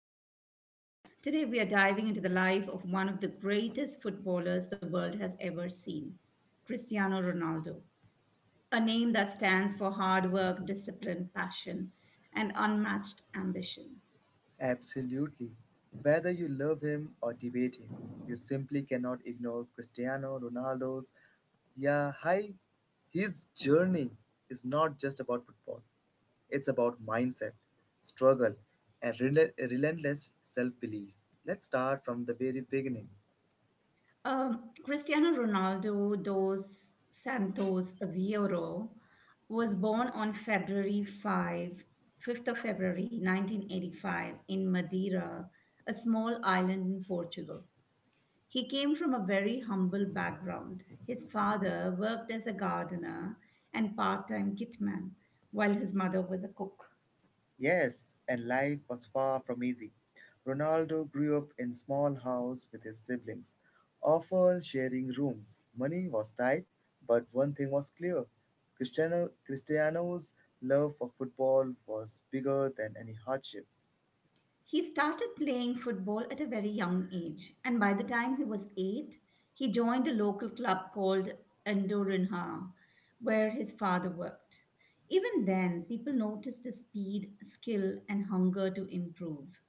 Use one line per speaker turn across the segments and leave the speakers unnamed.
to our podcast. Today, we are diving into the life of one of the greatest footballers the world has ever seen, Cristiano Ronaldo, a name that stands for hard work, discipline, passion, and unmatched ambition.
Absolutely. Whether you love him or debate him, you simply cannot ignore Cristiano Ronaldo's, yeah, hi. His journey is not just about football. It's about mindset, struggle, and relentless self-belief. Let's start from the very beginning.
Cristiano Ronaldo dos Santos Aveiro was born on 5th of February 1985 in Madeira, a small island in Portugal. He came from a very humble background. His father worked as a gardener and part time kitman, while his mother was a cook.
Yes, and life was far from easy. Ronaldo grew up in small house with his siblings, often sharing rooms. Money was tight, but one thing was clear. Cristiano's love for football was bigger than any hardship.
He started playing football at a very young age, and by the time he was eight, he joined a local club called Endorinha, where his father worked. Even then, people noticed his speed, skill, and hunger to improve.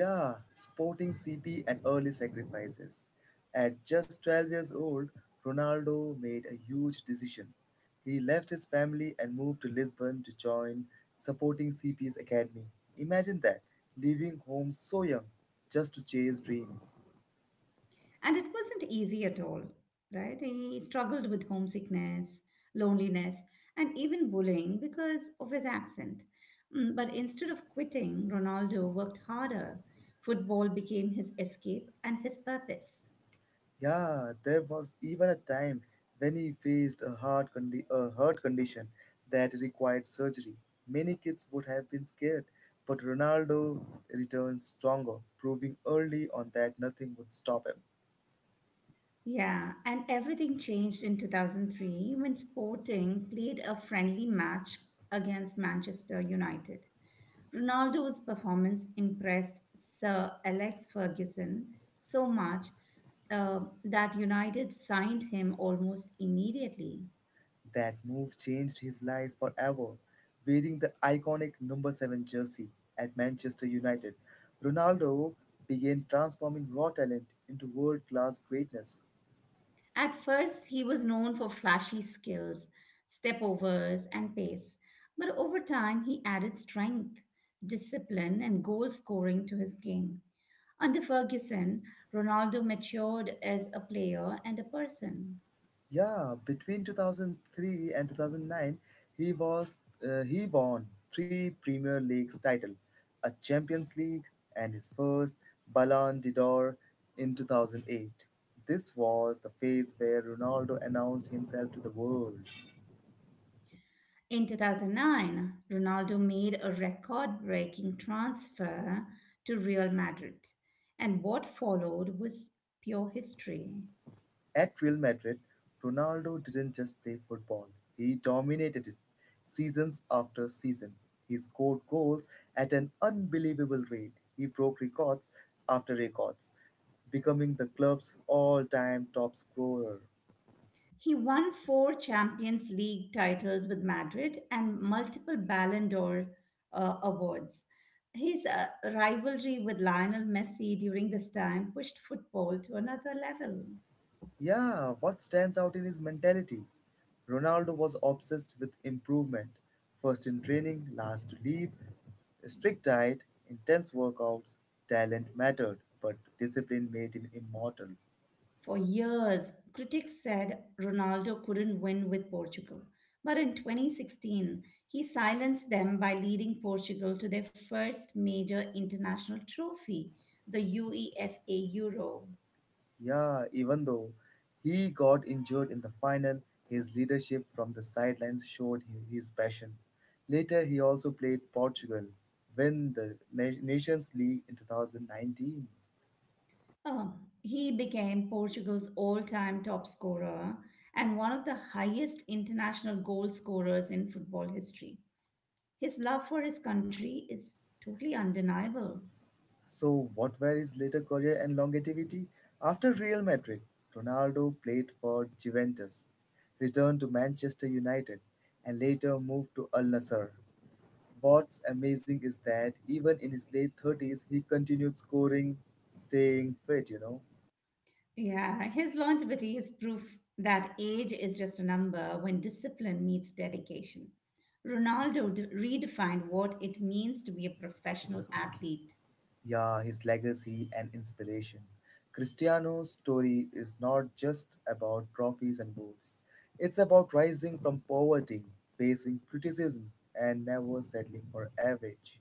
Yeah, Sporting CP and early sacrifices. At just 12 years old, Ronaldo made a huge decision. He left his family and moved to Lisbon to join supporting CP's academy. Imagine that, leaving home so young just to chase dreams.
And it wasn't easy at all, right? He struggled with homesickness, loneliness, and even bullying because of his accent. But instead of quitting, Ronaldo worked harder. Football became his escape and his purpose.
Yeah, there was even a time when he faced a a heart condition that required surgery. Many kids would have been scared, but Ronaldo returned stronger, proving early on that nothing would stop him.
Yeah, and everything changed in 2003 when Sporting played a friendly match against Manchester United. Ronaldo's performance impressed Sir Alex Ferguson so much uh, that United signed him almost immediately.
That move changed his life forever. Wearing the iconic number 7 jersey at Manchester United, Ronaldo began transforming raw talent into world class greatness.
At first, he was known for flashy skills, step overs, and pace, but over time, he added strength, discipline, and goal scoring to his game. Under Ferguson, Ronaldo matured as a player and a person.
Yeah, between 2003 and 2009, he was he won three Premier Leagues title, a Champions League, and his first Ballon d'Or in 2008. This was the phase where Ronaldo announced himself to the world.
In 2009, Ronaldo made a record breaking transfer to Real Madrid, and what followed was pure history.
At Real Madrid, Ronaldo didn't just play football, he dominated it seasons after season. He scored goals at an unbelievable rate. He broke records after records, becoming the club's all time top scorer.
He won four Champions League titles with Madrid and multiple Ballon d'Or awards. His rivalry with Lionel Messi during this time pushed football to another level.
Yeah, what stands out in his mentality? Ronaldo was obsessed with improvement, first in training, last to leave, a strict diet, intense workouts, talent mattered, but discipline made him immortal.
For years, critics said Ronaldo couldn't win with Portugal. But in 2016, he silenced them by leading Portugal to their first major international trophy, the UEFA Euro.
Yeah, even though he got injured in the final, his leadership from the sidelines showed his passion. Later, he also played Portugal, win the Nations League in 2019.
Um, he became Portugal's all time top scorer and one of the highest international goal scorers in football history. His love for his country is totally undeniable.
So, what were his later career and longevity? After Real Madrid, Ronaldo played for Juventus, returned to Manchester United, and later moved to Al Nassr. What's amazing is that even in his late 30s, he continued scoring, staying fit.
Yeah, his longevity is proof that age is just a number when discipline meets dedication. Ronaldo redefined what it means to be a professional athlete.
Yeah, his legacy and inspiration. Cristiano's story is not just about trophies and goals, it's about rising from poverty, facing criticism, and never settling for average.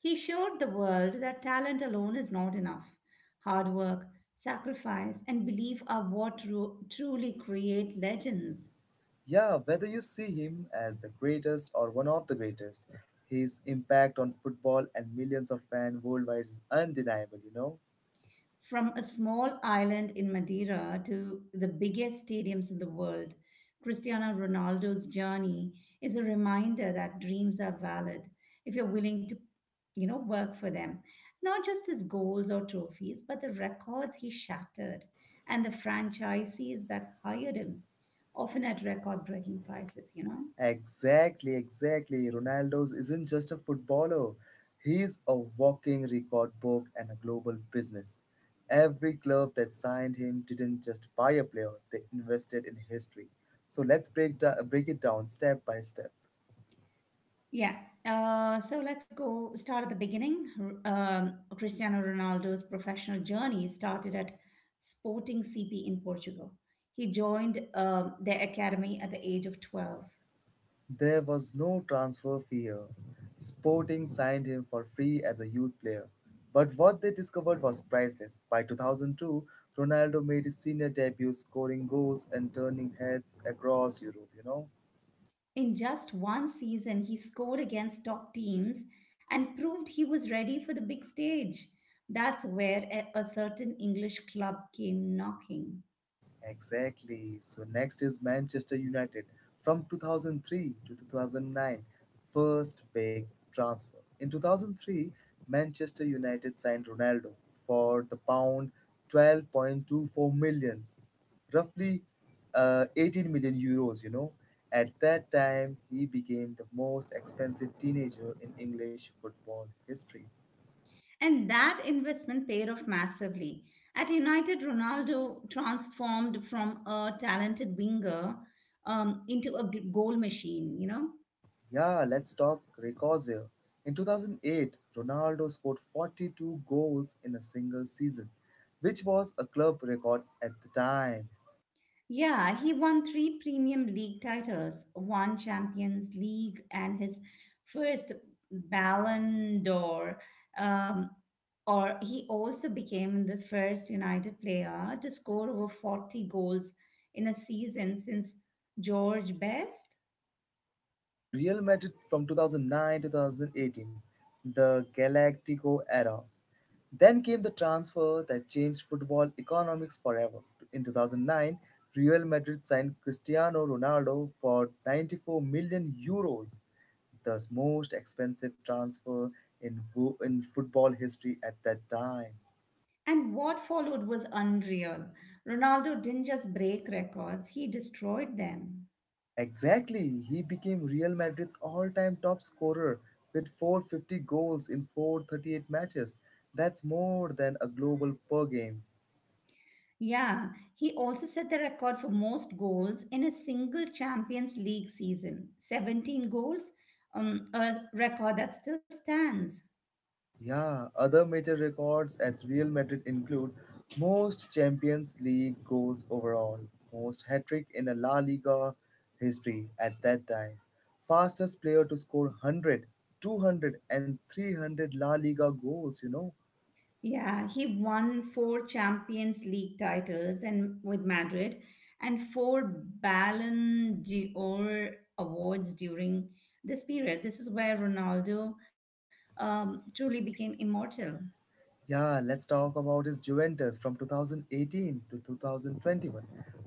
He showed the world that talent alone is not enough. Hard work, sacrifice, and belief are what truly create legends.
Yeah, whether you see him as the greatest or one of the greatest, his impact on football and millions of fans worldwide is undeniable.
From a small island in Madeira to the biggest stadiums in the world, Cristiano Ronaldo's journey is a reminder that dreams are valid if you're willing to work for them. Not just his goals or trophies, but the records he shattered and the franchisees that hired him, often at record-breaking prices.
Exactly, exactly. Ronaldo's isn't just a footballer. He's a walking record book and a global business. Every club that signed him didn't just buy a player, they invested in history. So let's break it down step by step.
Yeah. So let's go start at the beginning. Cristiano Ronaldo's professional journey started at Sporting CP in Portugal. He joined their academy at the age of 12.
There was no transfer fear. Sporting signed him for free as a youth player. But what they discovered was priceless. By 2002, Ronaldo made his senior debut scoring goals and turning heads across Europe?
In just one season, he scored against top teams and proved he was ready for the big stage. That's where a certain English club came knocking.
Exactly. So next is Manchester United. From 2003 to 2009, first big transfer. In 2003, Manchester United signed Ronaldo for the pound 12.24 millions, roughly 18 million euros. At that time, he became the most expensive teenager in English football history.
And that investment paid off massively. At United, Ronaldo transformed from a talented winger into a goal machine.
Yeah, let's talk records here. In 2008, Ronaldo scored 42 goals in a single season, which was a club record at the time.
Yeah, he won three Premium League titles, one Champions League, and his first Ballon d'Or. Um, or he also became the first United player to score over 40 goals in a season since George Best.
Yeah, Real Madrid from 2009 to 2018, the Galactico era. Then came the transfer that changed football economics forever. In 2009, Real Madrid signed Cristiano Ronaldo for 94 million euros, the most expensive transfer in football history at that time.
And what followed was unreal. Ronaldo didn't just break records, he destroyed them.
Exactly, he became Real Madrid's all time top scorer with 450 goals in 438 matches. That's more than a global per game.
Yeah, he also set the record for most goals in a single Champions League season 17 goals, a record that still stands.
Yeah, other major records at Real Madrid include most Champions League goals overall, most hat trick in a La Liga history at that time, fastest player to score 100, 200, and 300 La Liga goals.
Yeah, he won four Champions League titles and with Madrid and four Ballon d'Or awards during this period. This is where Ronaldo truly became immortal.
Yeah, let's talk about his Juventus from 2018 to 2021,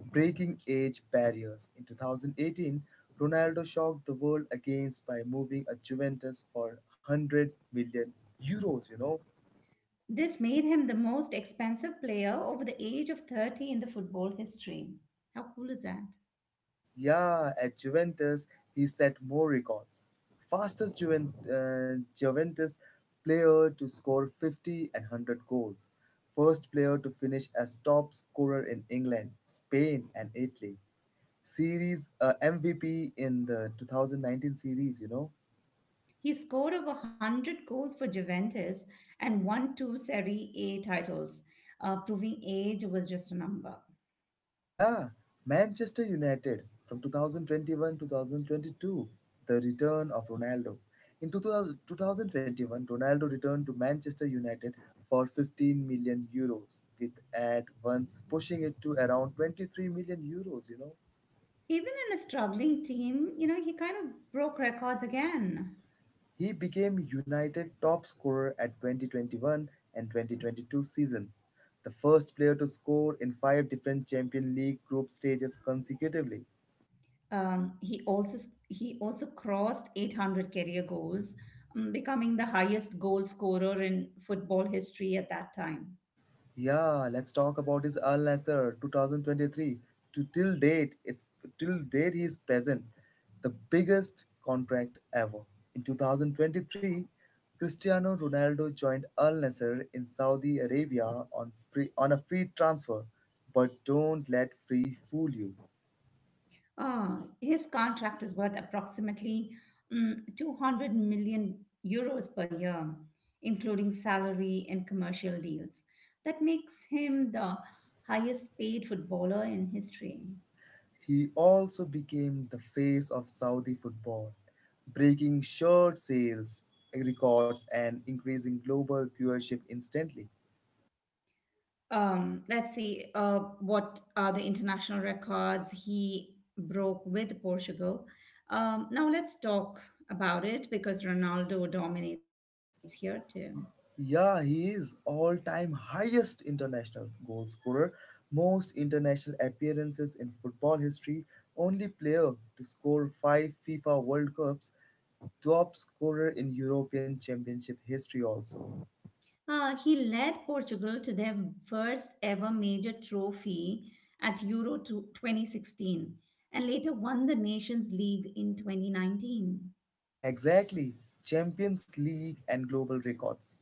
breaking age barriers. In 2018, Ronaldo shocked the world against by moving a Juventus for 100 million euros.
This made him the most expensive player over the age of 30 in the football history. How cool is that?
Yeah, at Juventus, he set more records. Fastest Juventus player to score 50 and 100 goals. First player to finish as top scorer in England, Spain, and Italy. Series MVP in the 2019 series.
He scored over 100 goals for Juventus and won two Serie A titles, proving age was just a number.
Yeah, Manchester United from 2021 2022, the return of Ronaldo. In two thousand twenty one, Ronaldo returned to Manchester United for 15 million euros, with at once pushing it to around 23 million euros.
Even in a struggling team, he kind of broke records again.
He became United top scorer at 2021 and 2022 season, the first player to score in five different Champions League group stages consecutively.
He also crossed 800 career goals, becoming the highest goal scorer in football history at that time.
Yeah, let's talk about his Al Nassr 2023. To till date, it's till date he is present, the biggest contract ever. In 2023, Cristiano Ronaldo joined Al Nassr in Saudi Arabia on free on a free transfer. But don't let free fool you.
His contract is worth approximately 200 million euros per year, including salary and commercial deals. That makes him the highest paid footballer in history.
He also became the face of Saudi football, breaking shirt sales records and increasing global viewership instantly.
Let's see what are the international records he broke with Portugal. Now let's talk about it because Ronaldo dominates here too.
Yeah, he is all-time highest international goal scorer, most international appearances in football history, only player to score 5 FIFA World Cups, top scorer in European Championship history also.
He led Portugal to their first ever major trophy at Euro to 2016 and later won the Nations League in 2019.
Exactly, Champions League and global records.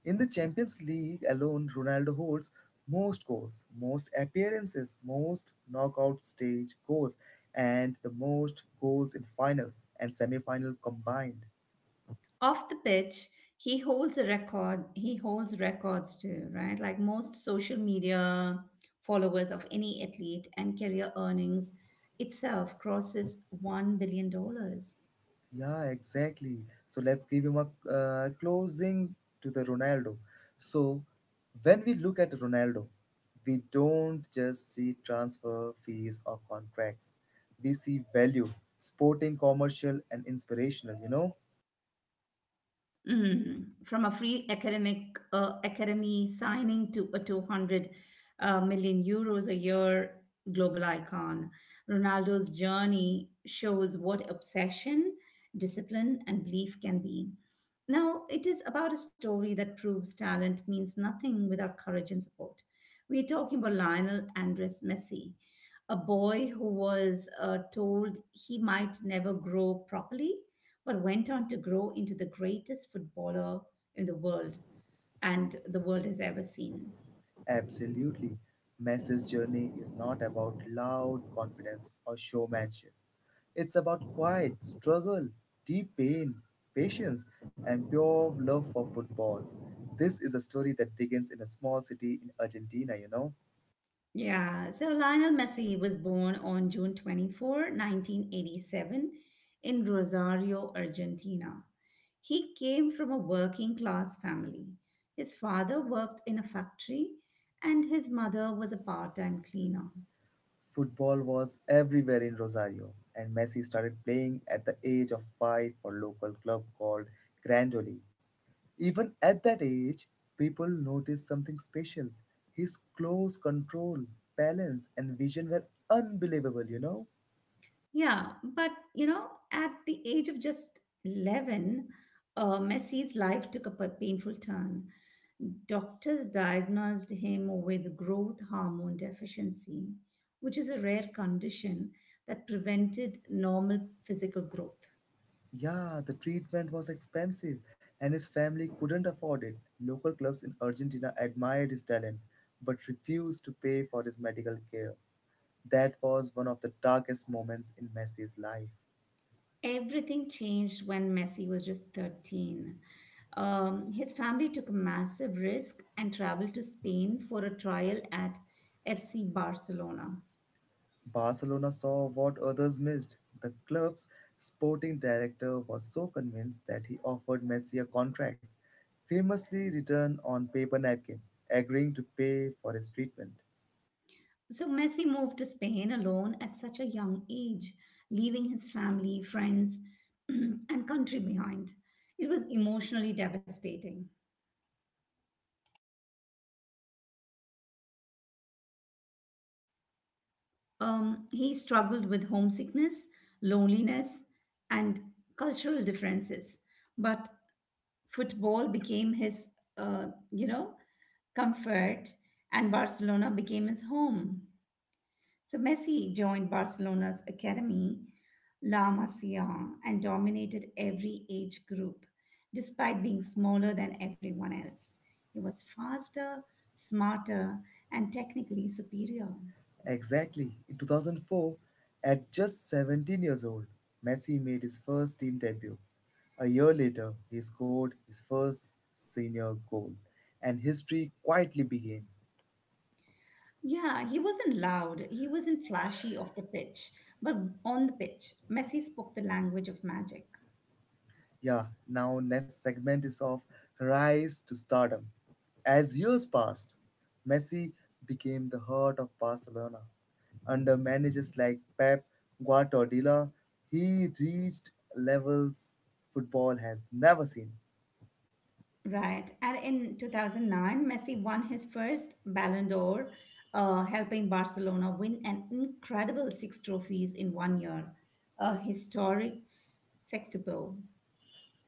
In the Champions League alone, Ronaldo holds most goals, most appearances, most knockout stage goals, and the most goals in finals and semi-final combined.
Off the pitch, he holds a record. He holds records too, right? Like most social media followers of any athlete and career earnings itself crosses $1 billion dollars.
Yeah, exactly. So let's give him a closing to the Ronaldo. So when we look at Ronaldo, we don't just see transfer fees or contracts. We see value, sporting, commercial, and inspirational?
From a free academic academy signing to a 200 million euros a year global icon, Ronaldo's journey shows what obsession, discipline, and belief can be. Now, it is about a story that proves talent means nothing without courage and support. We are talking about Lionel Andres Messi, a boy who was told he might never grow properly but went on to grow into the greatest footballer in the world and the world has ever seen.
Absolutely. Messi's journey is not about loud confidence or showmanship. It's about quiet struggle, deep pain, patience, and pure love for football. This is a story that begins in a small city in Argentina.
Yeah, so Lionel Messi was born on June 24, 1987 in Rosario, Argentina. He came from a working class family. His father worked in a factory and his mother was a part time cleaner.
Football was everywhere in Rosario, and Messi started playing at the age of 5 for local club called Grandoli. Even at that age, people noticed something special. His close control, balance, and vision were unbelievable?
Yeah, but at the age of just 11, Messi's life took a painful turn. Doctors diagnosed him with growth hormone deficiency, which is a rare condition that prevented normal physical growth.
Yeah, the treatment was expensive and his family couldn't afford it. Local clubs in Argentina admired his talent but refused to pay for his medical care. That was one of the darkest moments in Messi's life.
Everything changed when Messi was just 13. His family took a massive risk and traveled to Spain for a trial at FC Barcelona.
Barcelona saw what others missed. The club's sporting director was so convinced that he offered Messi a contract, famously written on paper napkin, agreeing to pay for his treatment.
So Messi moved to Spain alone at such a young age, leaving his family, friends, and country behind. It was emotionally devastating. He struggled with homesickness, loneliness, and cultural differences. But football became his, uh, you know, comfort, and Barcelona became his home. So Messi joined Barcelona's academy, La Masia, and dominated every age group, despite being smaller than everyone else. He was faster, smarter, and technically superior.
Exactly, in 2004, at just 17 years old, Messi made his first team debut. A year later, he scored his first senior goal, and history quietly began.
Yeah, he wasn't loud, he wasn't flashy off the pitch, but on the pitch, Messi spoke the language of magic.
Yeah, now next segment is of rise to stardom. As years passed, Messi became the heart of Barcelona. Under managers like Pep Guardiola, he reached levels football has never seen.
Right. And in 2009, Messi won his first Ballon d'Or, helping Barcelona win an incredible six trophies in one year, a historic sextuple.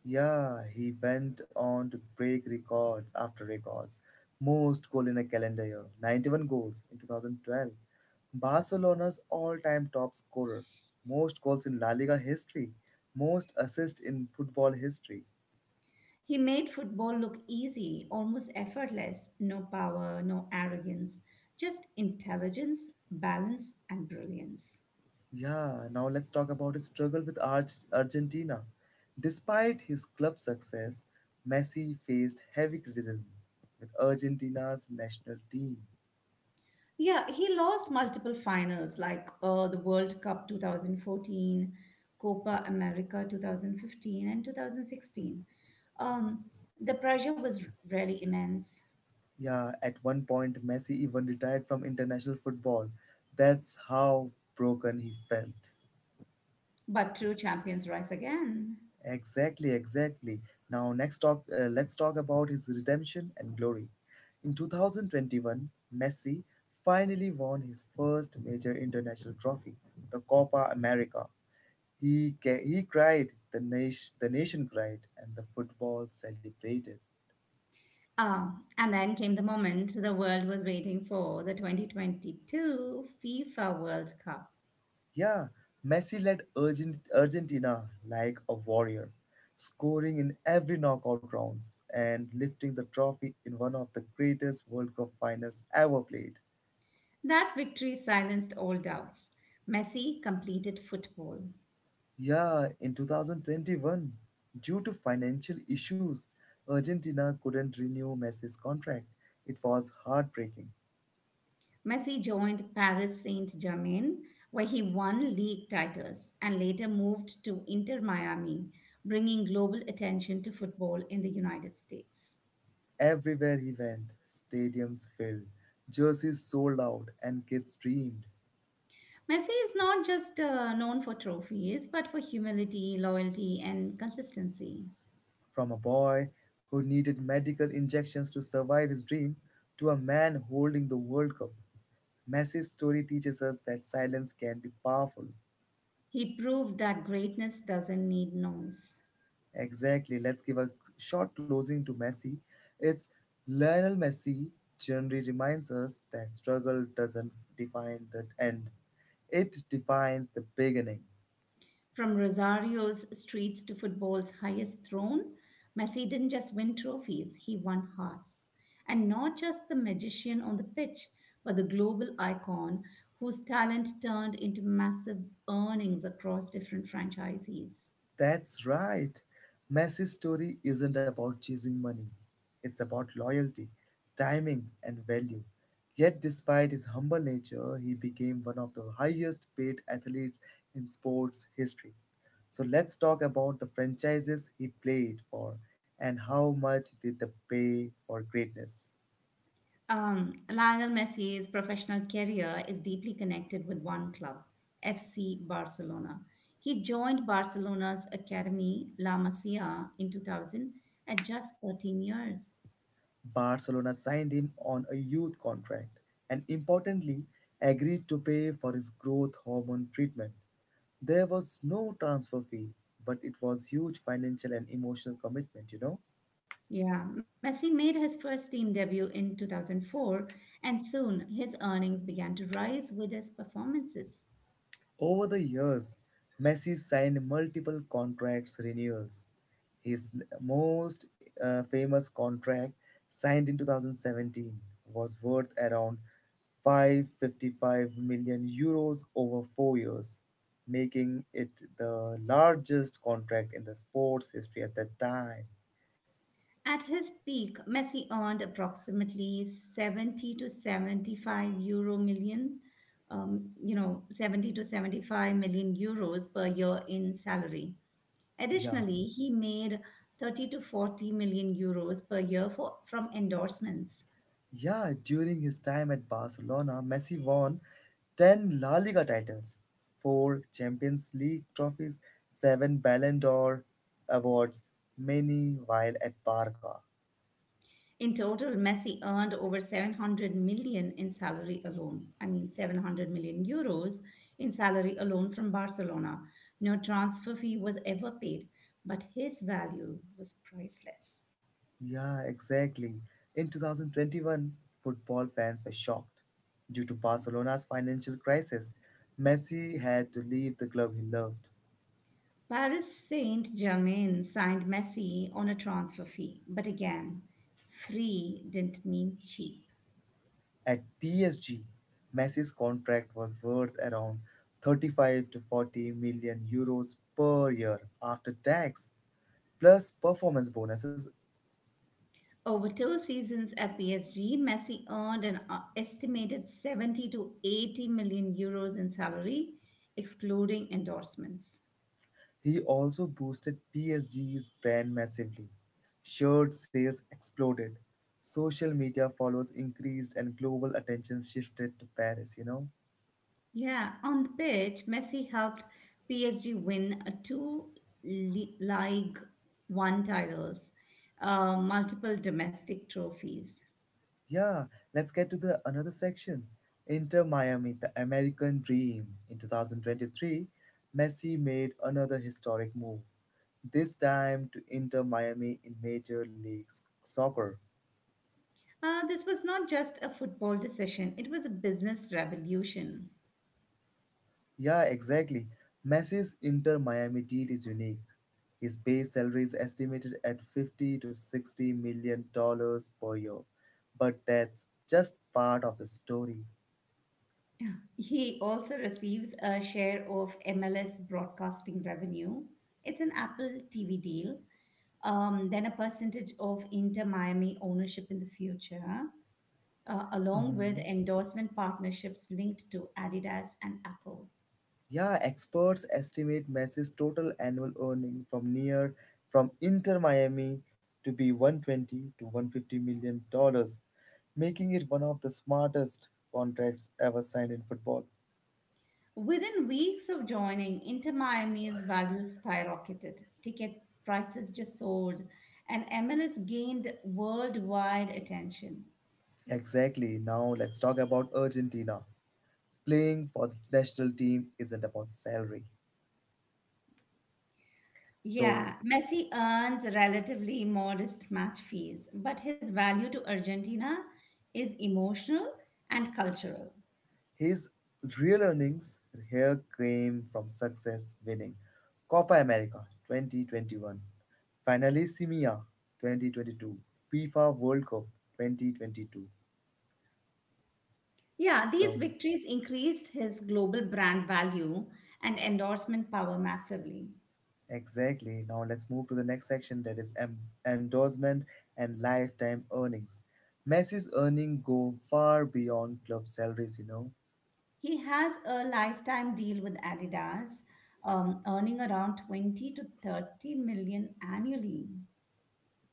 Yeah, he went on to break records after records. Most goal in a calendar year, 91 goals in 2012. Barcelona's all-time top scorer, most goals in La Liga history, most assists in football history.
He made football look easy, almost effortless, no power, no arrogance, just intelligence, balance, and brilliance.
Yeah, now let's talk about his struggle with Argentina. Despite his club success, Messi faced heavy criticism with Argentina's national team.
Yeah, he lost multiple finals like the World Cup 2014, Copa America 2015, and 2016. Um, the pressure was really immense,
Yeah, at one point, Messi even retired from international football. That's how broken he felt.
but true champions rise again.
Exactly, exactly. Now, let's talk about his redemption and glory. In 2021, Messi finally won his first major international trophy, the Copa America. He cried, the nation cried, and the football celebrated.
And then came the moment the world was waiting for the 2022 FIFA World Cup.
Yeah, Messi led Argentina like a warrior, scoring in every knockout rounds and lifting the trophy in one of the greatest World Cup finals ever played.
That victory silenced all doubts. Messi completed football.
Yeah, in 2021, due to financial issues, Argentina couldn't renew Messi's contract. It was heartbreaking.
Messi joined Paris Saint-Germain, where he won league titles and later moved to Inter Miami, bringing global attention to football in the United States.
Everywhere he went, stadiums filled, jerseys sold out, and kids dreamed.
Messi is not just known for trophies, but for humility, loyalty, and consistency.
From a boy who needed medical injections to survive his dream to a man holding the World Cup, Messi's story teaches us that silence can be powerful.
He proved that greatness doesn't need noise.
Exactly. Let's give a short closing to Messi. It's Lionel Messi generally reminds us that struggle doesn't define the end, it defines the beginning.
From Rosario's streets to football's highest throne, Messi didn't just win trophies, he won hearts. And not just the magician on the pitch, but the global icon whose talent turned into massive earnings across different franchises.
That's right. Messi's story isn't about chasing money. It's about loyalty, timing, and value. Yet, despite his humble nature, he became one of the highest paid athletes in sports history. So, let's talk about the franchises he played for and how much did they pay for greatness.
Lionel Messi's professional career is deeply connected with one club, FC Barcelona. He joined Barcelona's academy, La Masia, in 2000 at just 13 years.
Barcelona signed him on a youth contract and importantly agreed to pay for his growth hormone treatment. There was no transfer fee, but it was huge financial and emotional commitment.
Yeah, Messi made his first team debut in 2004, and soon his earnings began to rise with his performances.
Over the years, Messi signed multiple contracts renewals. His most famous contract, signed in 2017, was worth around 555 million euros over 4 years, making it the largest contract in the sports history at that time.
At his peak, Messi earned approximately 70 to 75 euro million, 70 to 75 million euros per year in salary.
Yeah.
Additionally, he made 30 to 40 million euros per year from endorsements.
Yeah, during his time at Barcelona, Messi won 10 La Liga titles, 4 Champions League trophies, 7 Ballon d'Or awards, many while at Barca.
In total, Messi earned over 700 million in salary alone. I mean, 700 million euros in salary alone from Barcelona. No transfer fee was ever paid, but his value was priceless.
Yeah, exactly. In 2021, football fans were shocked. Due to Barcelona's financial crisis, Messi had to leave the club he loved.
Paris Saint Germain signed Messi on a transfer fee, but again, free didn't mean cheap.
At PSG, Messi's contract was worth around 35 to 40 million euros per year after tax plus performance bonuses.
Over two seasons at PSG, Messi earned an estimated 70 to 80 million euros in salary, excluding endorsements.
He also boosted PSG's brand massively. Shirt sales exploded. Social media follows increased and global attention shifted to Paris, you know?
Yeah, on the pitch, Messi helped PSG win a two Ligue 1 titles, multiple domestic trophies.
Yeah, let's get to the another section. Inter Miami, the American dream. In 2023, Messi made another historic move, this time to Inter Miami in Major League Soccer.
This was not just a football decision, it was a business revolution.
Yeah, exactly. Messi's Inter Miami deal is unique. His base salary is estimated at 50 to 60 million dollars per year. But that's just part of the story.
He also receives a share of MLS broadcasting revenue. It's an Apple TV deal. Then a percentage of Inter Miami ownership in the future, along with endorsement partnerships linked to Adidas and Apple.
Yeah, experts estimate Messi's total annual earning from Inter Miami to be 120 to 150 million dollars, making it one of the smartest contracts ever signed in football.
Within weeks of joining, Inter Miami's value skyrocketed. Ticket prices just soared, and MLS gained worldwide attention.
Exactly. Now let's talk about Argentina. Playing for the national team isn't about salary. So
Yeah, Messi earns relatively modest match fees, but his value to Argentina is emotional and cultural.
his real earnings here came from success winning Copa America 2021, Finalissima 2022, FIFA World Cup 2022.
Yeah, these
So
victories increased his global brand value and endorsement power massively.
exactly. Now let's move to the next section, that is endorsement and lifetime earnings. Messi's earnings go far beyond club salaries, you know.
He has a lifetime deal with Adidas, earning around 20 to 30 million annually.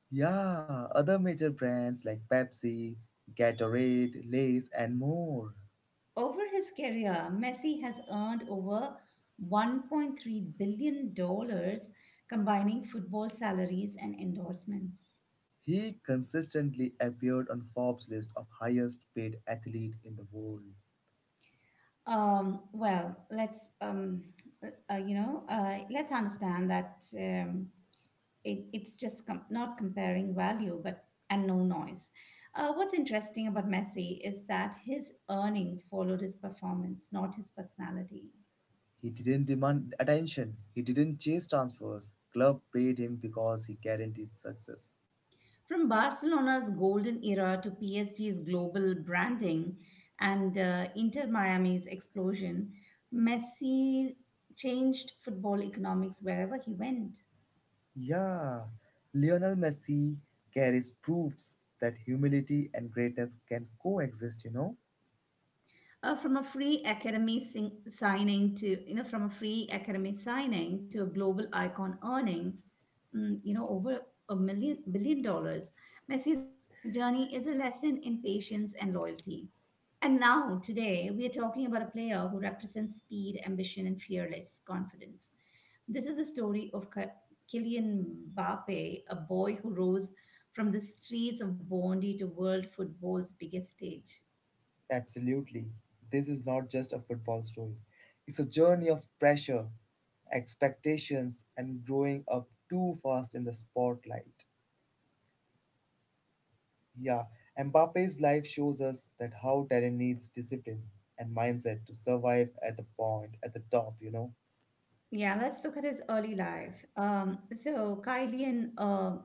Yeah, other major brands like Pepsi, Gatorade, Lay's, and more.
Over his career, Messi has earned over $1.3 billion dollars combining football salaries and endorsements.
He consistently appeared on Forbes' list of highest paid athlete in the world.
Well, let's you know, let's understand that it's just not comparing value, but and no noise. What's interesting about Messi is that his earnings followed his performance, not his personality.
He didn't demand attention. He didn't chase transfers. Club paid him because he guaranteed success.
From Barcelona's golden era to PSG's global branding and Inter Miami's explosion, Messi changed football economics wherever he went.
Yeah, Lionel Messi carries proofs that humility and greatness can coexist, you know.
From a free academy sing- signing to you know from a free academy signing to a global icon earning over a million billion dollars. Messi's journey is a lesson in patience and loyalty. And now, today, we are talking about a player who represents speed, ambition, and fearless confidence. This is the story of Kylian Mbappe, a boy who rose from the streets of Bondi to world football's biggest stage.
Absolutely. This is not just a football story. It's a journey of pressure, expectations, and growing up too fast in the spotlight. Yeah, Mbappe's life shows us that how talent needs discipline and mindset to survive at the top, you know.
Yeah, let's look at his early life. So Kylian uh,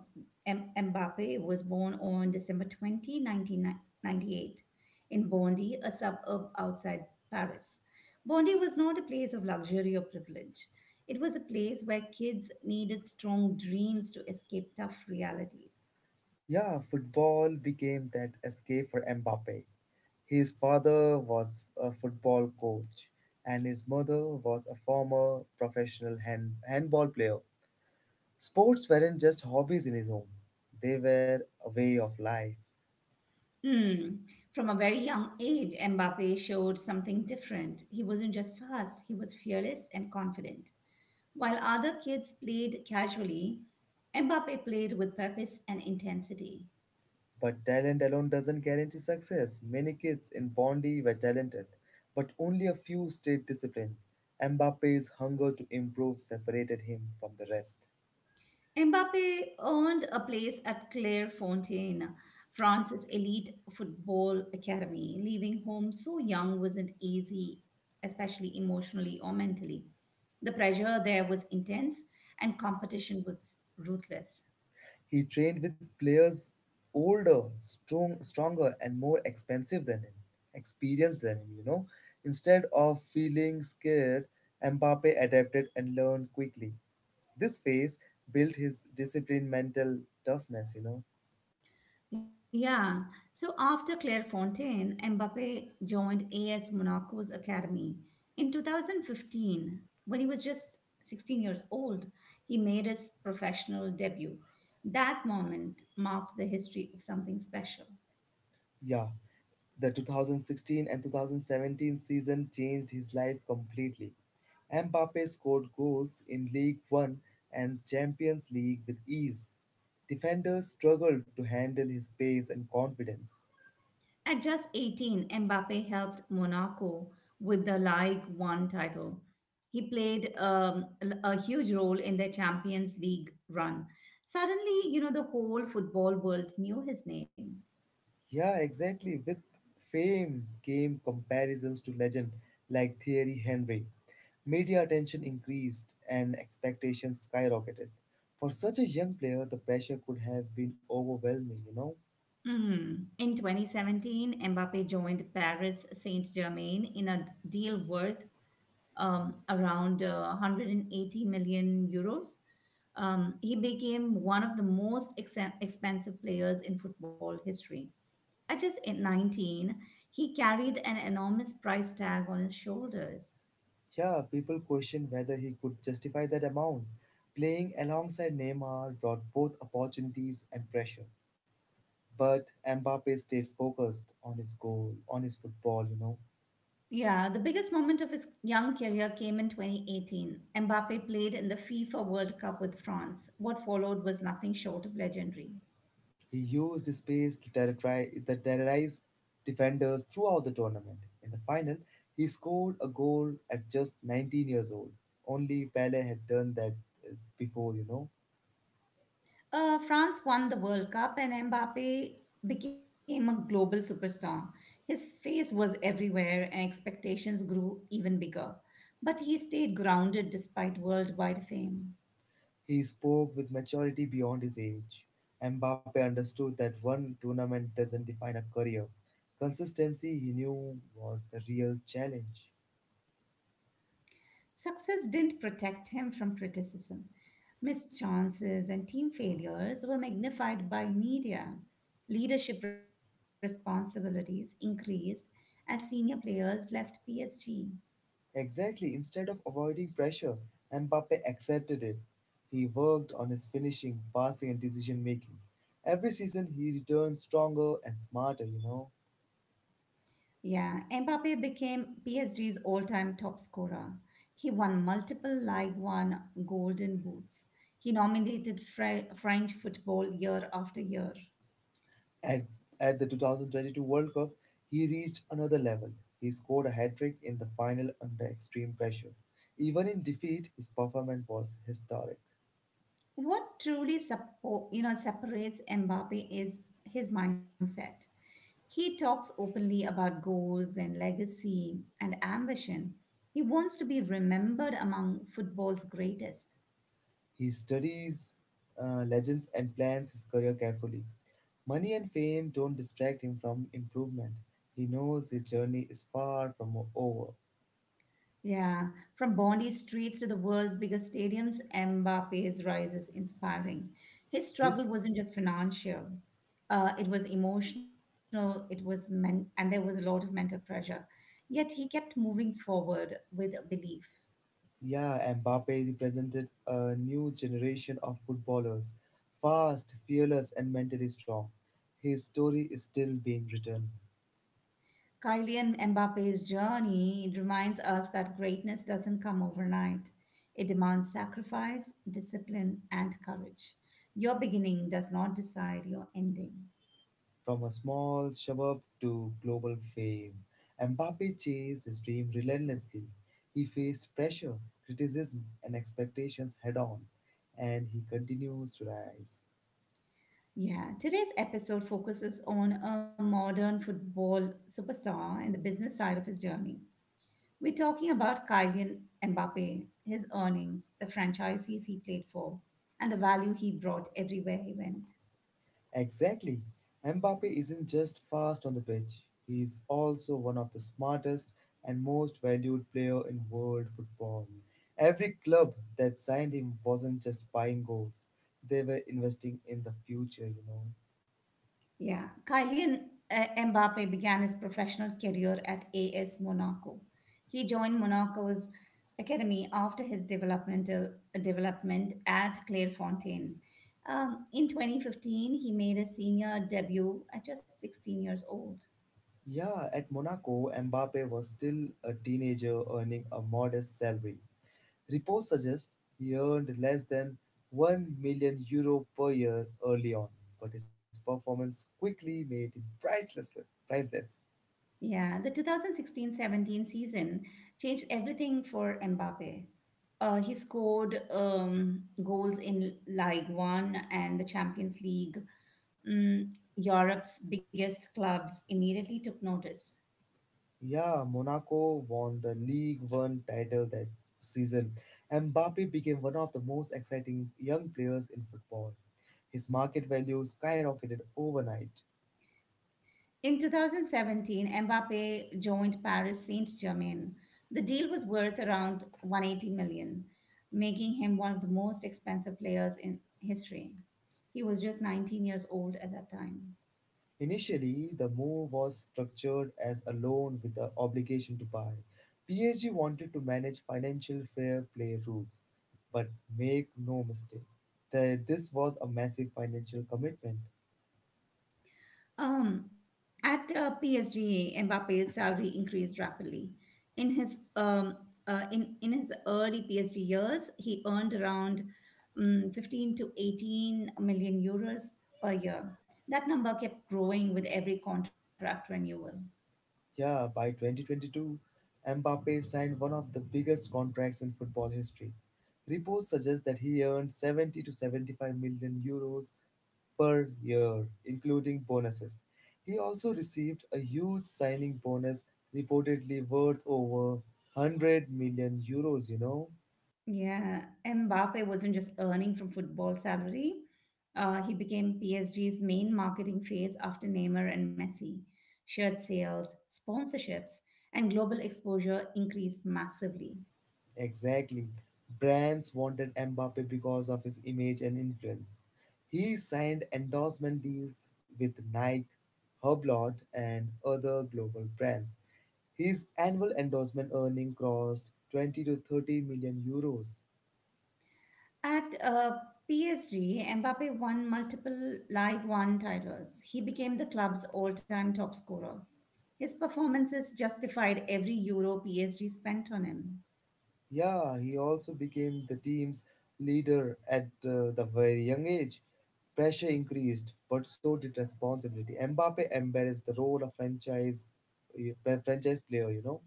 M- Mbappe was born on December 20, 1998 in Bondy, a suburb outside Paris. Bondy was not a place of luxury or privilege. It was a place where kids needed strong dreams to escape tough realities.
Yeah, football became that escape for Mbappe. His father was a football coach, and his mother was a former professional handball player. Sports weren't just hobbies in his home, they were a way of life.
Hmm. From a very young age, Mbappe showed something different. He wasn't just fast, he was fearless and confident. While other kids played casually, Mbappe played with purpose and intensity.
But talent alone doesn't guarantee success. Many kids in Bondi were talented, but only a few stayed disciplined. Mbappe's hunger to improve separated him from the rest.
Mbappe earned a place at Clairefontaine, France's elite football academy. Leaving home so young wasn't easy, especially emotionally or mentally. The pressure there was intense and competition was ruthless.
He trained with players older, stronger, and more expensive than him, experienced than him, you know. Instead of feeling scared, Mbappe adapted and learned quickly. This phase built his discipline, mental toughness, you know.
Yeah, so after Clairefontaine, Mbappe joined AS Monaco's academy. In 2015, when he was just 16 years old, he made his professional debut. That moment marked the history of something special.
Yeah, the 2016 and 2017 season changed his life completely. Mbappe scored goals in League One and Champions League with ease. Defenders struggled to handle his pace and confidence.
At just 18, Mbappe helped Monaco with the Ligue 1 title. He played a huge role in their Champions League run. Suddenly, you know, the whole football world knew his name.
Yeah, exactly. With fame came comparisons to legend like Thierry Henry. Media attention increased and expectations skyrocketed. For such a young player, the pressure could have been overwhelming, you know?
Mhm. In 2017, Mbappe joined Paris Saint-Germain in a deal worth around 180 million euros. He became one of the most expensive players in football history. At just 19, he carried an enormous price tag on his shoulders.
Yeah, people questioned whether he could justify that amount. Playing alongside Neymar brought both opportunities and pressure. But Mbappe stayed focused on his goal, on his football, you know.
Yeah, the biggest moment of his young career came in 2018. Mbappe played in the FIFA World Cup with France. What followed was nothing short of legendary.
He used his pace to terrorize defenders throughout the tournament. In the final, he scored a goal at just 19 years old. Only Pele had done that before, you know.
France won the World Cup and Mbappe became a global superstar. His face was everywhere and expectations grew even bigger. But he stayed grounded despite worldwide fame.
He spoke with maturity beyond his age. Mbappe understood that one tournament doesn't define a career. Consistency, he knew, was the real challenge.
Success didn't protect him from criticism. Missed chances and team failures were magnified by media. Leadership responsibilities increased as senior players left PSG.
Exactly, instead of avoiding pressure, Mbappe accepted it. He worked on his finishing, passing, and decision making. Every season, he returned stronger and smarter, you know.
Yeah, Mbappe became PSG's all-time top scorer. He won multiple Ligue 1 golden boots. He nominated French football year after year.
At, at the 2022 World Cup, he reached another level. He scored a hat trick in the final under extreme pressure. Even in defeat, his performance was historic.
What truly separates Mbappe is his mindset. He talks openly about goals and legacy and ambition. He wants to be remembered among football's greatest.
He studies legends and plans his career carefully. Money and fame don't distract him from improvement. He knows his journey is far from over.
Yeah, from Bondi streets to the world's biggest stadiums, Mbappe's rise is inspiring. His struggle
His
wasn't just financial, it was emotional, it was and there was a lot of mental pressure. Yet he kept moving forward with a belief.
Yeah, Mbappe represented a new generation of footballers, fast, fearless, and mentally strong. His story is still being written
Kylian Mbappe's journey it reminds us that greatness doesn't come overnight. It demands sacrifice, discipline, and courage. Your beginning does not decide your ending.
from a small suburb to global fame. Mbappe chased his dream relentlessly. He faced pressure, criticism, and expectations head on, and he continues to rise.
Yeah, today's episode focuses on a modern football superstar and the business side of his journey. We're talking about Kylian Mbappe, his earnings, the franchises he played for, and the value he brought everywhere he went.
Exactly. Mbappe isn't just fast on the pitch, he is also one of the smartest and most valued player in world football. Every club that signed him wasn't just buying goals, they were investing in the future, you know.
Yeah, Kylian Mbappe began his professional career at AS Monaco. He joined Monaco's academy after his development at Clairefontaine. In 2015, he made a senior debut at just 16 years old.
Yeah, at Monaco, Mbappe was still a teenager earning a modest salary. Reports suggest he earned less than 1 million euro per year early on, but his performance quickly made him priceless.
Yeah, the 2016-17 season changed everything for Mbappe. He scored goals in Ligue 1 and the Champions League. Mm, Europe's biggest clubs immediately took notice.
Yeah, Monaco won the League One title that season. Mbappe became one of the most exciting young players in football. His market value skyrocketed overnight.
In 2017, Mbappe joined Paris Saint-Germain. The deal was worth around 180 million, making him one of the most expensive players in history. He was just 19 years old at that time.
Initially, the move was structured as a loan with the obligation to buy. PSG wanted to manage financial fair play rules, but make no mistake, this was a massive financial commitment.
At PSG, Mbappe's salary increased rapidly. In his um, in his early PSG years, he earned around 15 to 18 million euros per year. That number kept growing with every contract renewal.
Yeah, by 2022, Mbappe signed one of the biggest contracts in football history. Reports suggest that he earned 70 to 75 million euros per year, including bonuses. He also received a huge signing bonus, reportedly worth over 100 million euros, you know.
Yeah, Mbappe wasn't just earning from football salary. He became PSG's main marketing face after Neymar and Messi. Shirt sales, sponsorships, and global exposure increased massively.
Exactly. Brands wanted Mbappe because of his image and influence. He signed endorsement deals with Nike, Hublot, and other global brands. His annual endorsement earning crossed 20 to 30 million euros.
At PSG, Mbappe won multiple Ligue 1 titles. He became the club's all time top scorer. His performances justified every euro PSG spent on him.
Yeah, he also became the team's leader at the very young age. Pressure increased, but so did responsibility. Mbappe embarrassed the role of uh, franchise player, you know.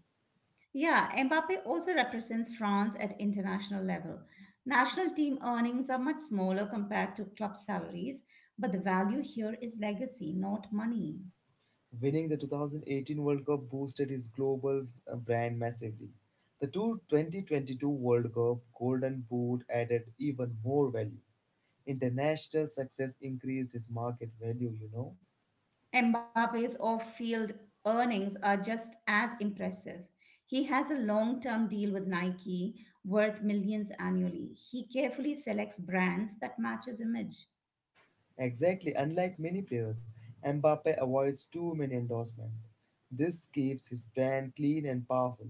Yeah, Mbappe also represents France at international level. National team earnings are much smaller compared to club salaries, but the value here is legacy, not money.
Winning the 2018 World Cup boosted his global brand massively. The two 2022 World Cup Golden Boot added even more value. International success increased his market value, you know.
Mbappe's off field earnings are just as impressive. He has a long term deal with Nike worth millions annually. He carefully selects brands that match his image.
Exactly, unlike many players, Mbappe avoids too many endorsements. This keeps his brand clean and powerful.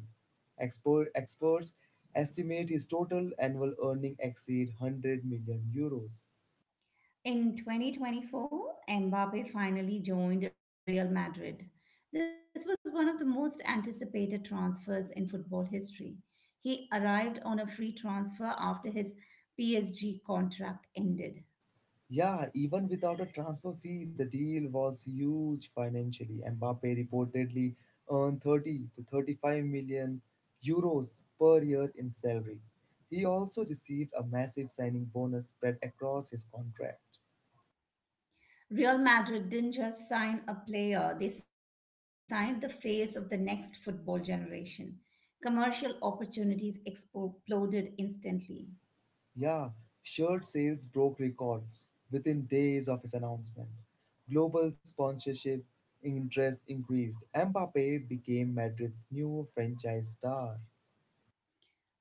Experts estimate his total annual earning exceed 100 million euros.
In 2024, Mbappe finally joined Real Madrid. This was one of the most anticipated transfers in football history. He arrived on a free transfer after his PSG contract ended.
Yeah, even without a transfer fee, the deal was huge financially. Mbappe reportedly earned 30 to 35 million euros per year in salary. He also received a massive signing bonus spread across his contract.
Real Madrid didn't just sign a player, they signed the face of the next football generation. Commercial opportunities exploded instantly.
Yeah, shirt sales broke records within days of his announcement. Global sponsorship interest increased. Mbappe became Madrid's new franchise star.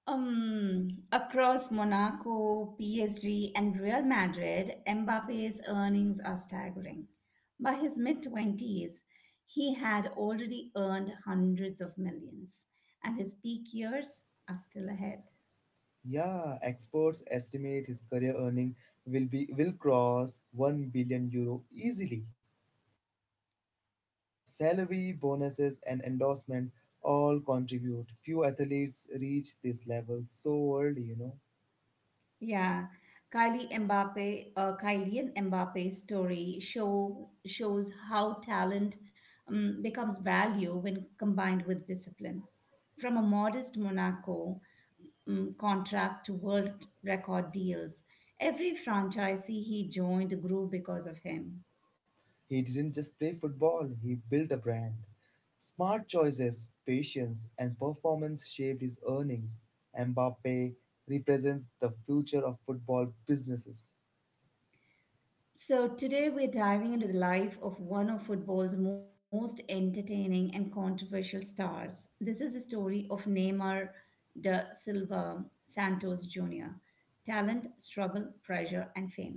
Across Monaco, PSG, and Real Madrid, Mbappe's earnings are staggering. By his mid 20s, he had already earned hundreds of millions, and his peak years are still ahead.
Yeah, experts estimate his career earning will cross 1 billion euro easily. Salary, bonuses and endorsement all contribute. Few athletes reach this level so early, you know.
Yeah, Kylian Mbappe's story shows how talent becomes value when combined with discipline. From a modest Monaco contract to world record deals, every franchisee he joined grew because of him.
He didn't just play football, he built a brand. Smart choices, patience and performance shaped his earnings. Mbappe represents the future of football businesses.
So, today we're diving into the life of one of football's most entertaining and controversial stars. This is the story of Neymar da Silva Santos Jr. Talent, struggle, pressure, and fame.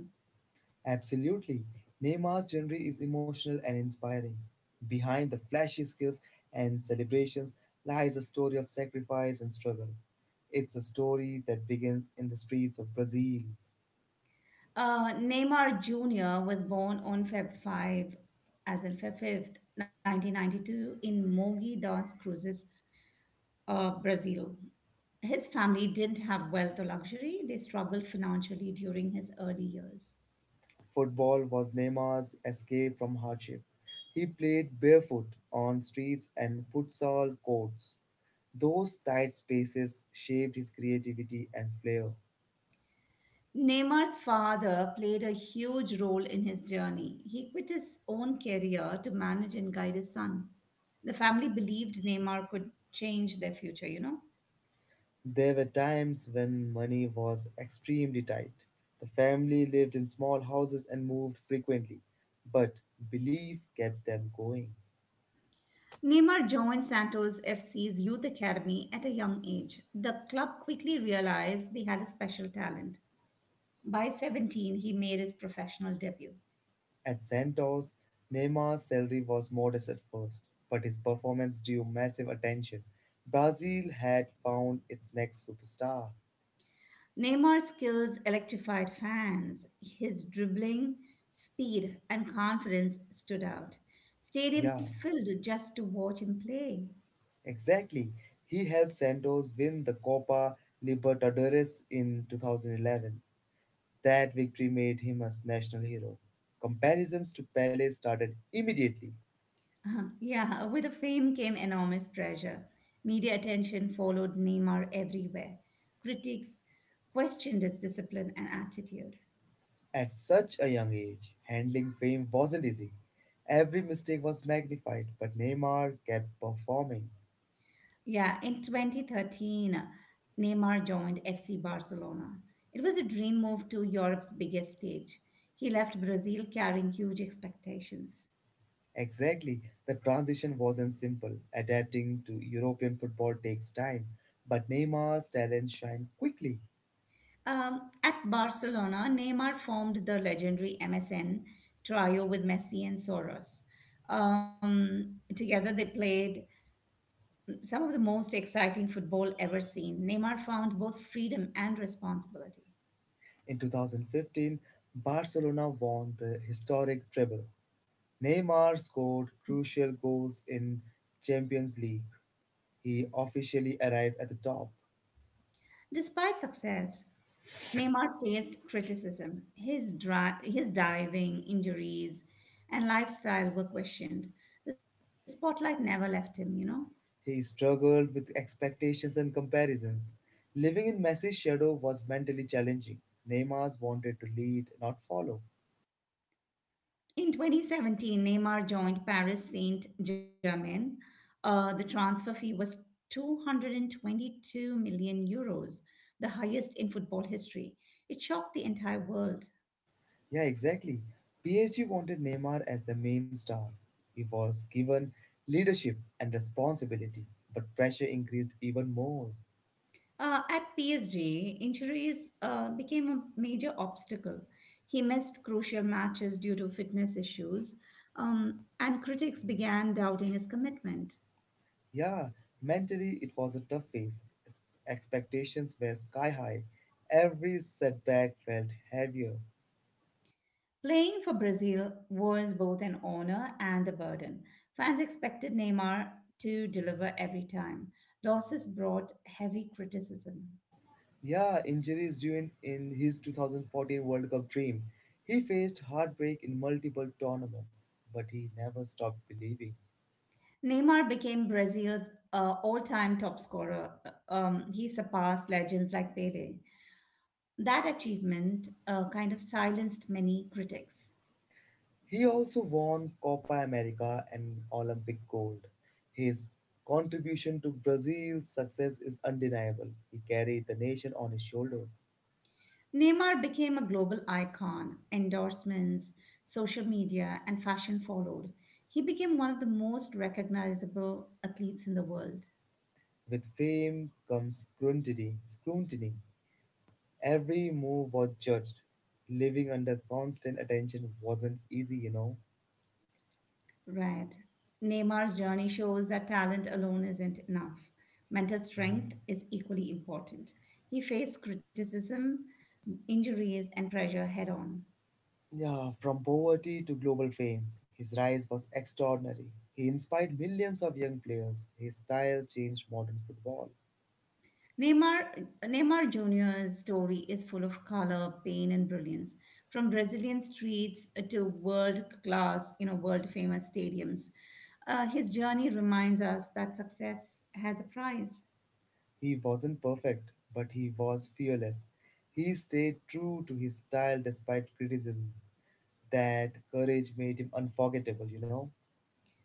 Absolutely. Neymar's journey is emotional and inspiring. Behind the flashy skills and celebrations lies a story of sacrifice and struggle. It's a story that begins in the streets of Brazil.
Neymar Jr. was born on Feb 5th, 1992, in Mogi das Cruzes, Brazil. His family didn't have wealth or luxury. They struggled financially during his early years.
Football was Neymar's escape from hardship. He played barefoot on streets and futsal courts. Those tight spaces shaped his creativity and flair.
Neymar's father played a huge role in his journey. He quit his own career to manage and guide his son. The family believed Neymar could change their future, you know.
There were times when money was extremely tight. The family lived in small houses and moved frequently, but belief kept them going.
Neymar joined Santos FC's youth academy at a young age. The club quickly realized they had a special talent. By 17, he made his professional debut.
At Santos, Neymar's salary was modest at first, but his performance drew massive attention. Brazil had found its next superstar.
Neymar's skills electrified fans. His dribbling, speed, and confidence stood out. Stadiums
Yeah,
filled just to watch him play.
exactly. He helped Santos win the Copa Libertadores in 2011. That victory made him a national hero. Comparisons to Pele started immediately.
Yeah, with the fame came enormous pressure. Media attention followed Neymar everywhere. Critics questioned his discipline and attitude.
At such a young age, handling fame wasn't easy. Every mistake was magnified, but Neymar kept performing.
Yeah, in 2013, Neymar joined FC Barcelona. It was a dream move to Europe's biggest stage. He left Brazil carrying huge expectations.
Exactly, the transition wasn't simple. Adapting to European football takes time, but Neymar's talent shined quickly.
At Barcelona, Neymar formed the legendary MSN trio with Messi and Soros. Together, they played some of the most exciting football ever seen. Neymar found both freedom and responsibility.
In 2015, Barcelona won the historic treble. Neymar scored crucial goals in Champions League. He officially arrived at the top.
Despite success, Neymar faced criticism. His diving, injuries, and lifestyle were questioned. The spotlight never left him, you know.
He struggled with expectations and comparisons. Living in Messi's shadow was mentally challenging. Neymar wanted to lead, not follow.
In 2017, Neymar joined Paris Saint Germain. The transfer fee was 222 million euros, the highest in football history. It shocked the entire world.
Yeah, exactly. PSG wanted Neymar as the main star. He was given leadership and responsibility, but pressure increased even more.
At PSG, injuries became a major obstacle. He missed crucial matches due to fitness issues, and critics began doubting his commitment.
Yeah, mentally it was a tough phase. Expectations were sky high. Every setback felt heavier.
Playing for Brazil was both an honor and a burden. Fans expected Neymar to deliver every time. Losses brought heavy criticism.
Yeah, injuries ruined in his 2014 World Cup dream. He faced heartbreak in multiple tournaments, but he never stopped believing.
Neymar became Brazil's all-time top scorer. He surpassed legends like Pele. That achievement kind of silenced many critics.
He also won Copa America and Olympic gold. His contribution to Brazil's success is undeniable. He carried the nation on his shoulders.
Neymar became a global icon. Endorsements, social media, and fashion followed. He became one of the most recognizable athletes in the world.
With fame comes scrutiny. Every move was judged. Living under constant attention wasn't easy, you know.
Right. Neymar's journey shows that talent alone isn't enough. Mental
Yeah.
strength is equally important. He faced criticism, injuries, and pressure head on.
Yeah, from poverty to global fame, his rise was extraordinary. He inspired millions of young players. His style changed modern football.
Neymar Jr.'s story is full of color, pain, and brilliance. From Brazilian streets to world class, you know, world famous stadiums, his journey reminds us that success has a price.
He wasn't perfect, but he was fearless. He stayed true to his style despite criticism. That courage made him unforgettable, you know?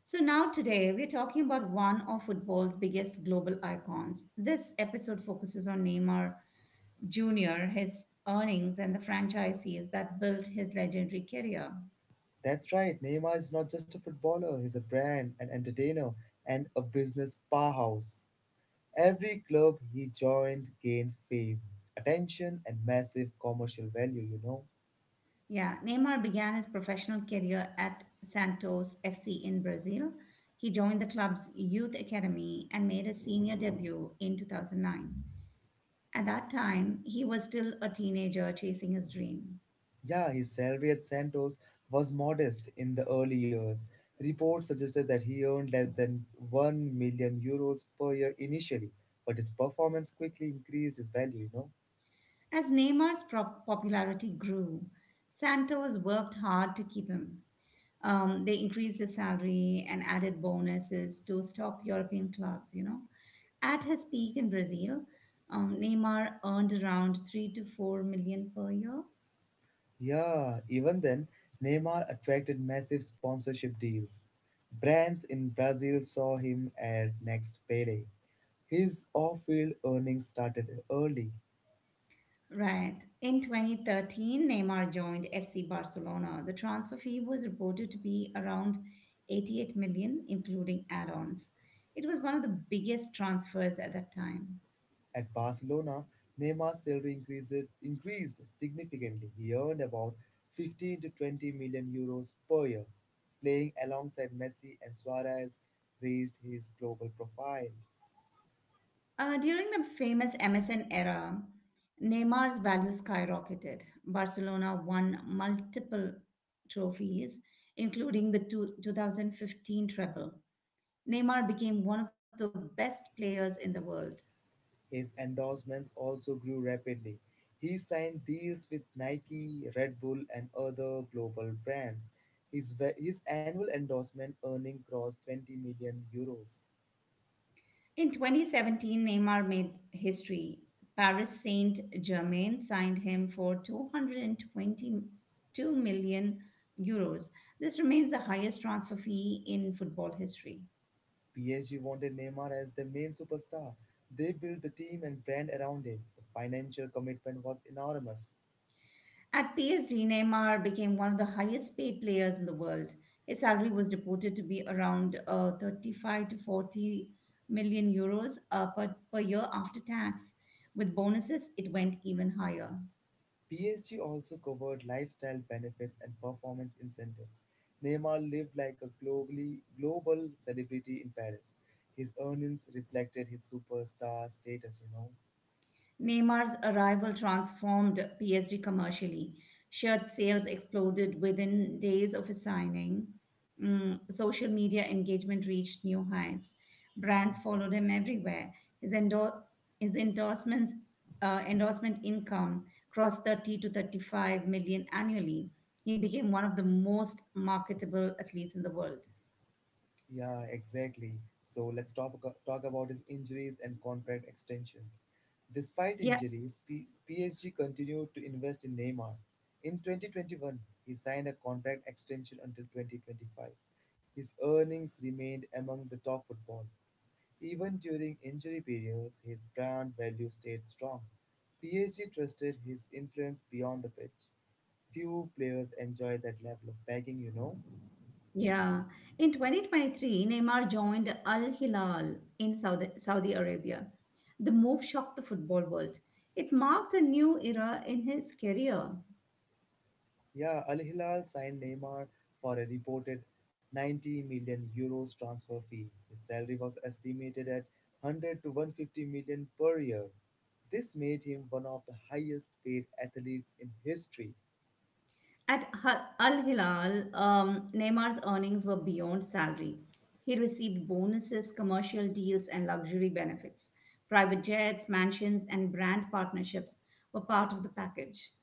So, now today we're talking about one of football's biggest global icons. This episode focuses on Neymar Jr., his earnings, and the franchises that built his legendary career.
That's right, Neymar is not just a footballer, he's a brand, an entertainer, and a business powerhouse. Every club he joined gained fame, attention, and massive commercial value, you know?
Yeah, Neymar began his professional career at Santos FC in Brazil. He joined the club's youth academy and made his senior debut in 2009. At that time, he was still a teenager chasing his dream.
Yeah, his salary at Santos was modest in the early years. Reports suggested that he earned less than 1 million euros per year initially, but his performance quickly increased his value, you know?
As Neymar's popularity grew, Santos worked hard to keep him. They increased the salary and added bonuses to top European clubs, you know. At his peak in Brazil, Neymar earned around 3 to 4 million per year.
Yeah, even then, Neymar attracted massive sponsorship deals. Brands in Brazil saw him as next payday. His off field earnings started early.
Right. In 2013, Neymar joined FC Barcelona. The transfer fee was reported to be around 88 million, including add ons. It was one of the biggest transfers at that time.
At Barcelona, Neymar's salary increased significantly. He earned about 15 to 20 million euros per year. Playing alongside Messi and Suarez raised his global profile.
During the famous MSN era, Neymar's value skyrocketed. Barcelona won multiple trophies, including the 2015 treble. Neymar became one of the best players in the world.
His endorsements also grew rapidly. He signed deals with Nike, Red Bull, and other global brands. His annual endorsement earning crossed 20 million euros.
In 2017, Neymar made history. Paris Saint Germain signed him for 222 million euros. This remains the highest transfer fee in football history.
PSG wanted Neymar as their main superstar. They built the team and brand around him. The financial commitment was enormous.
At PSG, Neymar became one of the highest paid players in the world. His salary was reported to be around 35 to 40 million euros per year after tax. With bonuses, it went even higher.
PSG also covered lifestyle benefits and performance incentives. Neymar lived like a globally global celebrity in Paris. His earnings reflected his superstar status.
Neymar's arrival transformed PSG commercially. Shirt sales exploded within days of his signing. Social media engagement reached new heights. Brands followed him everywhere. His, endor- his endorsements, endorsement income crossed 30 to 35 million annually. He became one of the most marketable athletes in the world.
Yeah, exactly. So let's talk about his injuries and contract extensions. Despite
Yeah.
injuries, PSG continued to invest in Neymar. In 2021, he signed a contract extension until 2025. His earnings remained among the top football. Even during injury periods, his brand value stayed strong. PSG trusted his influence beyond the pitch. Few players enjoy that level of backing.
Yeah. In 2023, Neymar joined Al Hilal in Saudi Arabia. The move shocked the football world. It marked a new era in his career.
Yeah, Al Hilal signed Neymar for a reported 90 million euros transfer fee. His salary was estimated at 100 to 150 million per year. This made him one of the highest paid athletes in history.
At Al Hilal, Neymar's earnings were beyond salary. He received bonuses, commercial deals, and luxury benefits. Private jets, mansions, and brand partnerships were part of the package.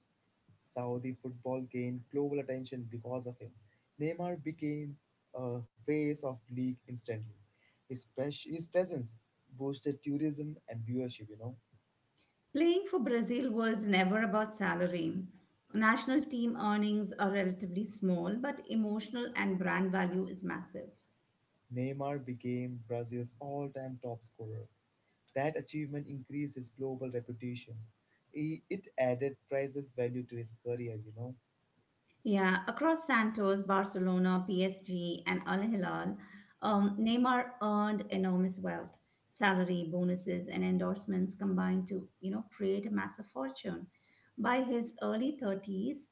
Saudi football gained global attention because of him. Neymar became a face of league instantly. His presence boosted tourism and viewership.
Playing for Brazil was never about salary. National team earnings are relatively small, but emotional and brand value is massive.
Neymar became Brazil's all-time top scorer. That achievement increased his global reputation. It added priceless value to his career.
Yeah, across Santos, Barcelona, PSG, and Al Hilal, Neymar earned enormous wealth. Salary, bonuses, and endorsements combined to, create a massive fortune. By his early 30s,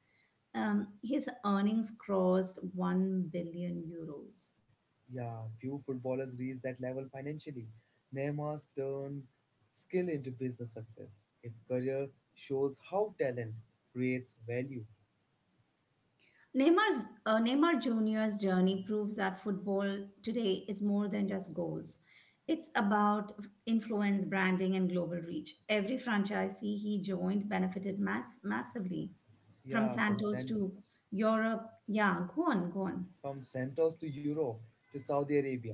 his earnings crossed 1 billion euros.
Yeah, few footballers reach that level financially. Neymar's turned skill into business success. His career shows how talent creates value.
Neymar Jr.'s journey proves that football today is more than just goals. It's about influence, branding, and global reach. Every franchisee he joined benefited massively from
Yeah. from
Santos
San
to Europe. Yeah, go on.
From Santos to Europe to Saudi Arabia,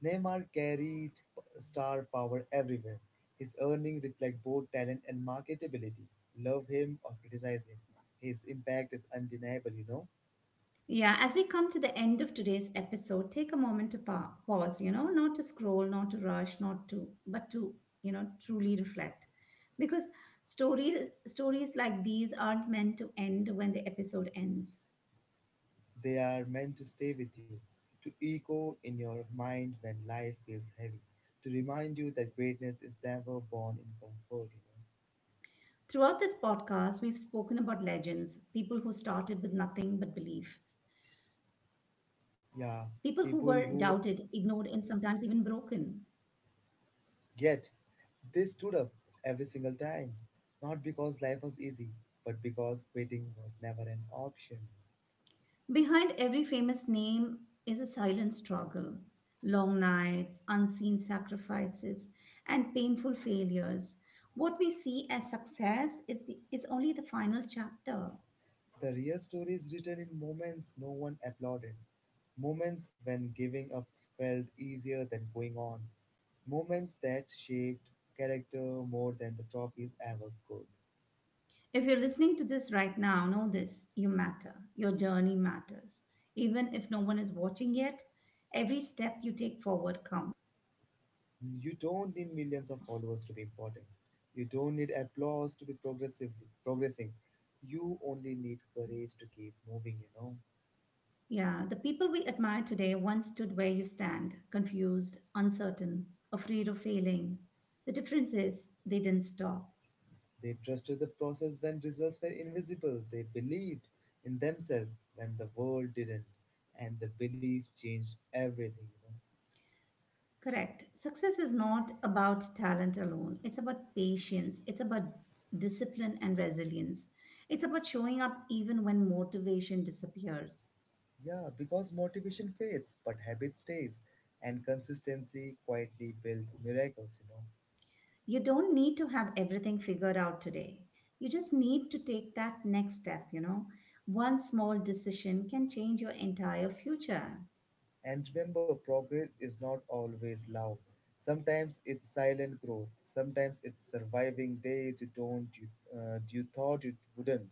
Neymar carried star power everywhere. His earnings reflect both talent and marketability. Love him or criticize him, his impact is undeniable.
Yeah, as we come to the end of today's episode, take a moment to pause, you know, not to scroll, not to rush, not to, but to, truly reflect. Because story, stories like these aren't meant to end when the episode ends.
They are meant to stay with you, to echo in your mind when life feels heavy, to remind you that greatness is never born in comfort.
Throughout this podcast, we've spoken about legends, people who started with nothing but belief, people who were
Yeah,
doubted,
people
ignored, and
who
sometimes even broken.
yet, they stood up every single time, not because life was easy, but because quitting was never an option.
Behind every famous name is a silent struggle, long nights, unseen sacrifices, and painful failures. What we see as success is only the final chapter.
The real story is written in moments no one applauded, moments when giving up felt easier than going on, moments that shaped character more than the trophies ever could.
If you're listening to this right now, know this, you matter. Your journey matters. Even if no one is watching yet, every step you take forward counts.
You don't need millions of followers to be important. You don't need applause to be progressively progressing. You only need courage to keep moving.
Yeah, the people we admire today once stood where you stand, confused, uncertain, afraid of failing. The difference is they didn't stop.
They trusted the process when results were invisible. They believed in themselves when the world didn't. And the belief changed everything.
Correct. Success is not about talent alone, it's about patience, it's about discipline and resilience. It's about showing up even when motivation disappears.
Yeah, because motivation fades, but habit stays. And consistency quietly built miracles.
You don't need to have everything figured out today. You just need to take that next step, you know. One small decision can change your entire future.
And remember, progress is not always loud. Sometimes it's silent growth. Sometimes it's surviving days you thought you wouldn't.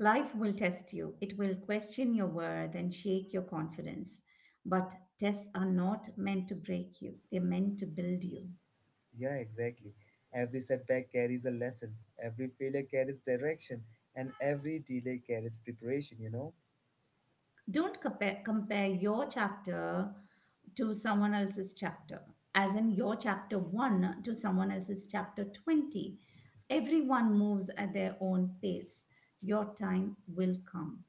Life will test you, it will question your worth and shake your confidence. But tests are not meant to break you, they're meant to build you.
Yeah, exactly. Every setback carries a lesson, every failure carries direction, and every delay carries preparation.
Don't compare, Compare your chapter to someone else's chapter, as in your chapter 1 to someone else's chapter 20. Everyone moves at their own pace. Your time will come.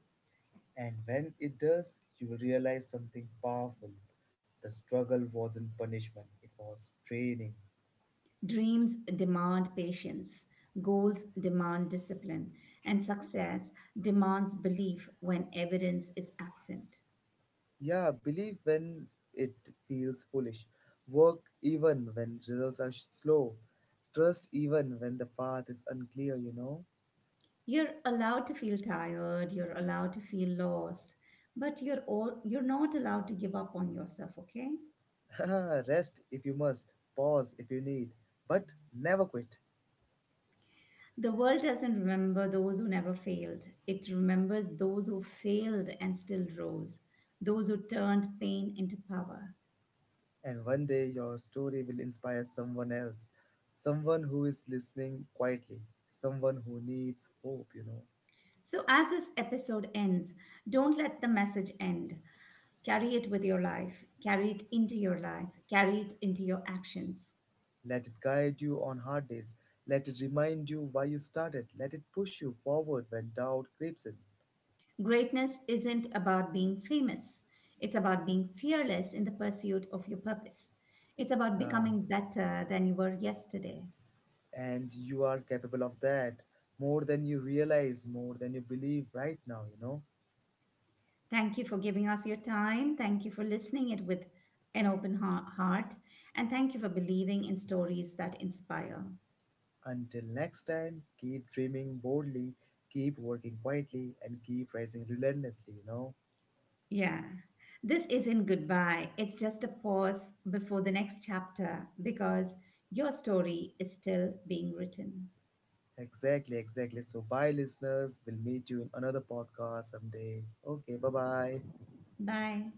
And when it does, you will realize something powerful. The struggle wasn't punishment, it was training.
Dreams demand patience, goals demand discipline, and success demands belief when evidence is absent.
Yeah, believe when it feels foolish. Work even when results are slow. Trust even when the path is unclear.
You're allowed to feel tired, you're allowed to feel lost, but you're not allowed to give up on yourself, okay?
Rest if you must, pause if you need, but never quit.
The world doesn't remember those who never failed. It remembers those who failed and still rose, those who turned pain into power.
And one day your story will inspire someone else, someone who is listening quietly, someone who needs hope.
So, as this episode ends, don't let the message end. Carry it into your life, carry it into your actions.
Let it guide you on hard days. Let it remind you why you started. Let it push you forward when doubt creeps in.
Greatness isn't about being famous, it's about being fearless in the pursuit of your purpose. It's about
Ah,
becoming better than you were yesterday.
and you are capable of that more than you realize, more than you believe right now.
Thank you for giving us your time. Thank you for listening it with an open heart. And thank you for believing in stories that inspire.
Until next time, keep dreaming boldly, keep working quietly, and keep rising relentlessly.
Yeah. This isn't goodbye. It's just a pause before the next chapter because your story is still being written.
Exactly, exactly. So, bye, listeners. We'll meet you in another podcast someday. Okay, bye bye.
Bye.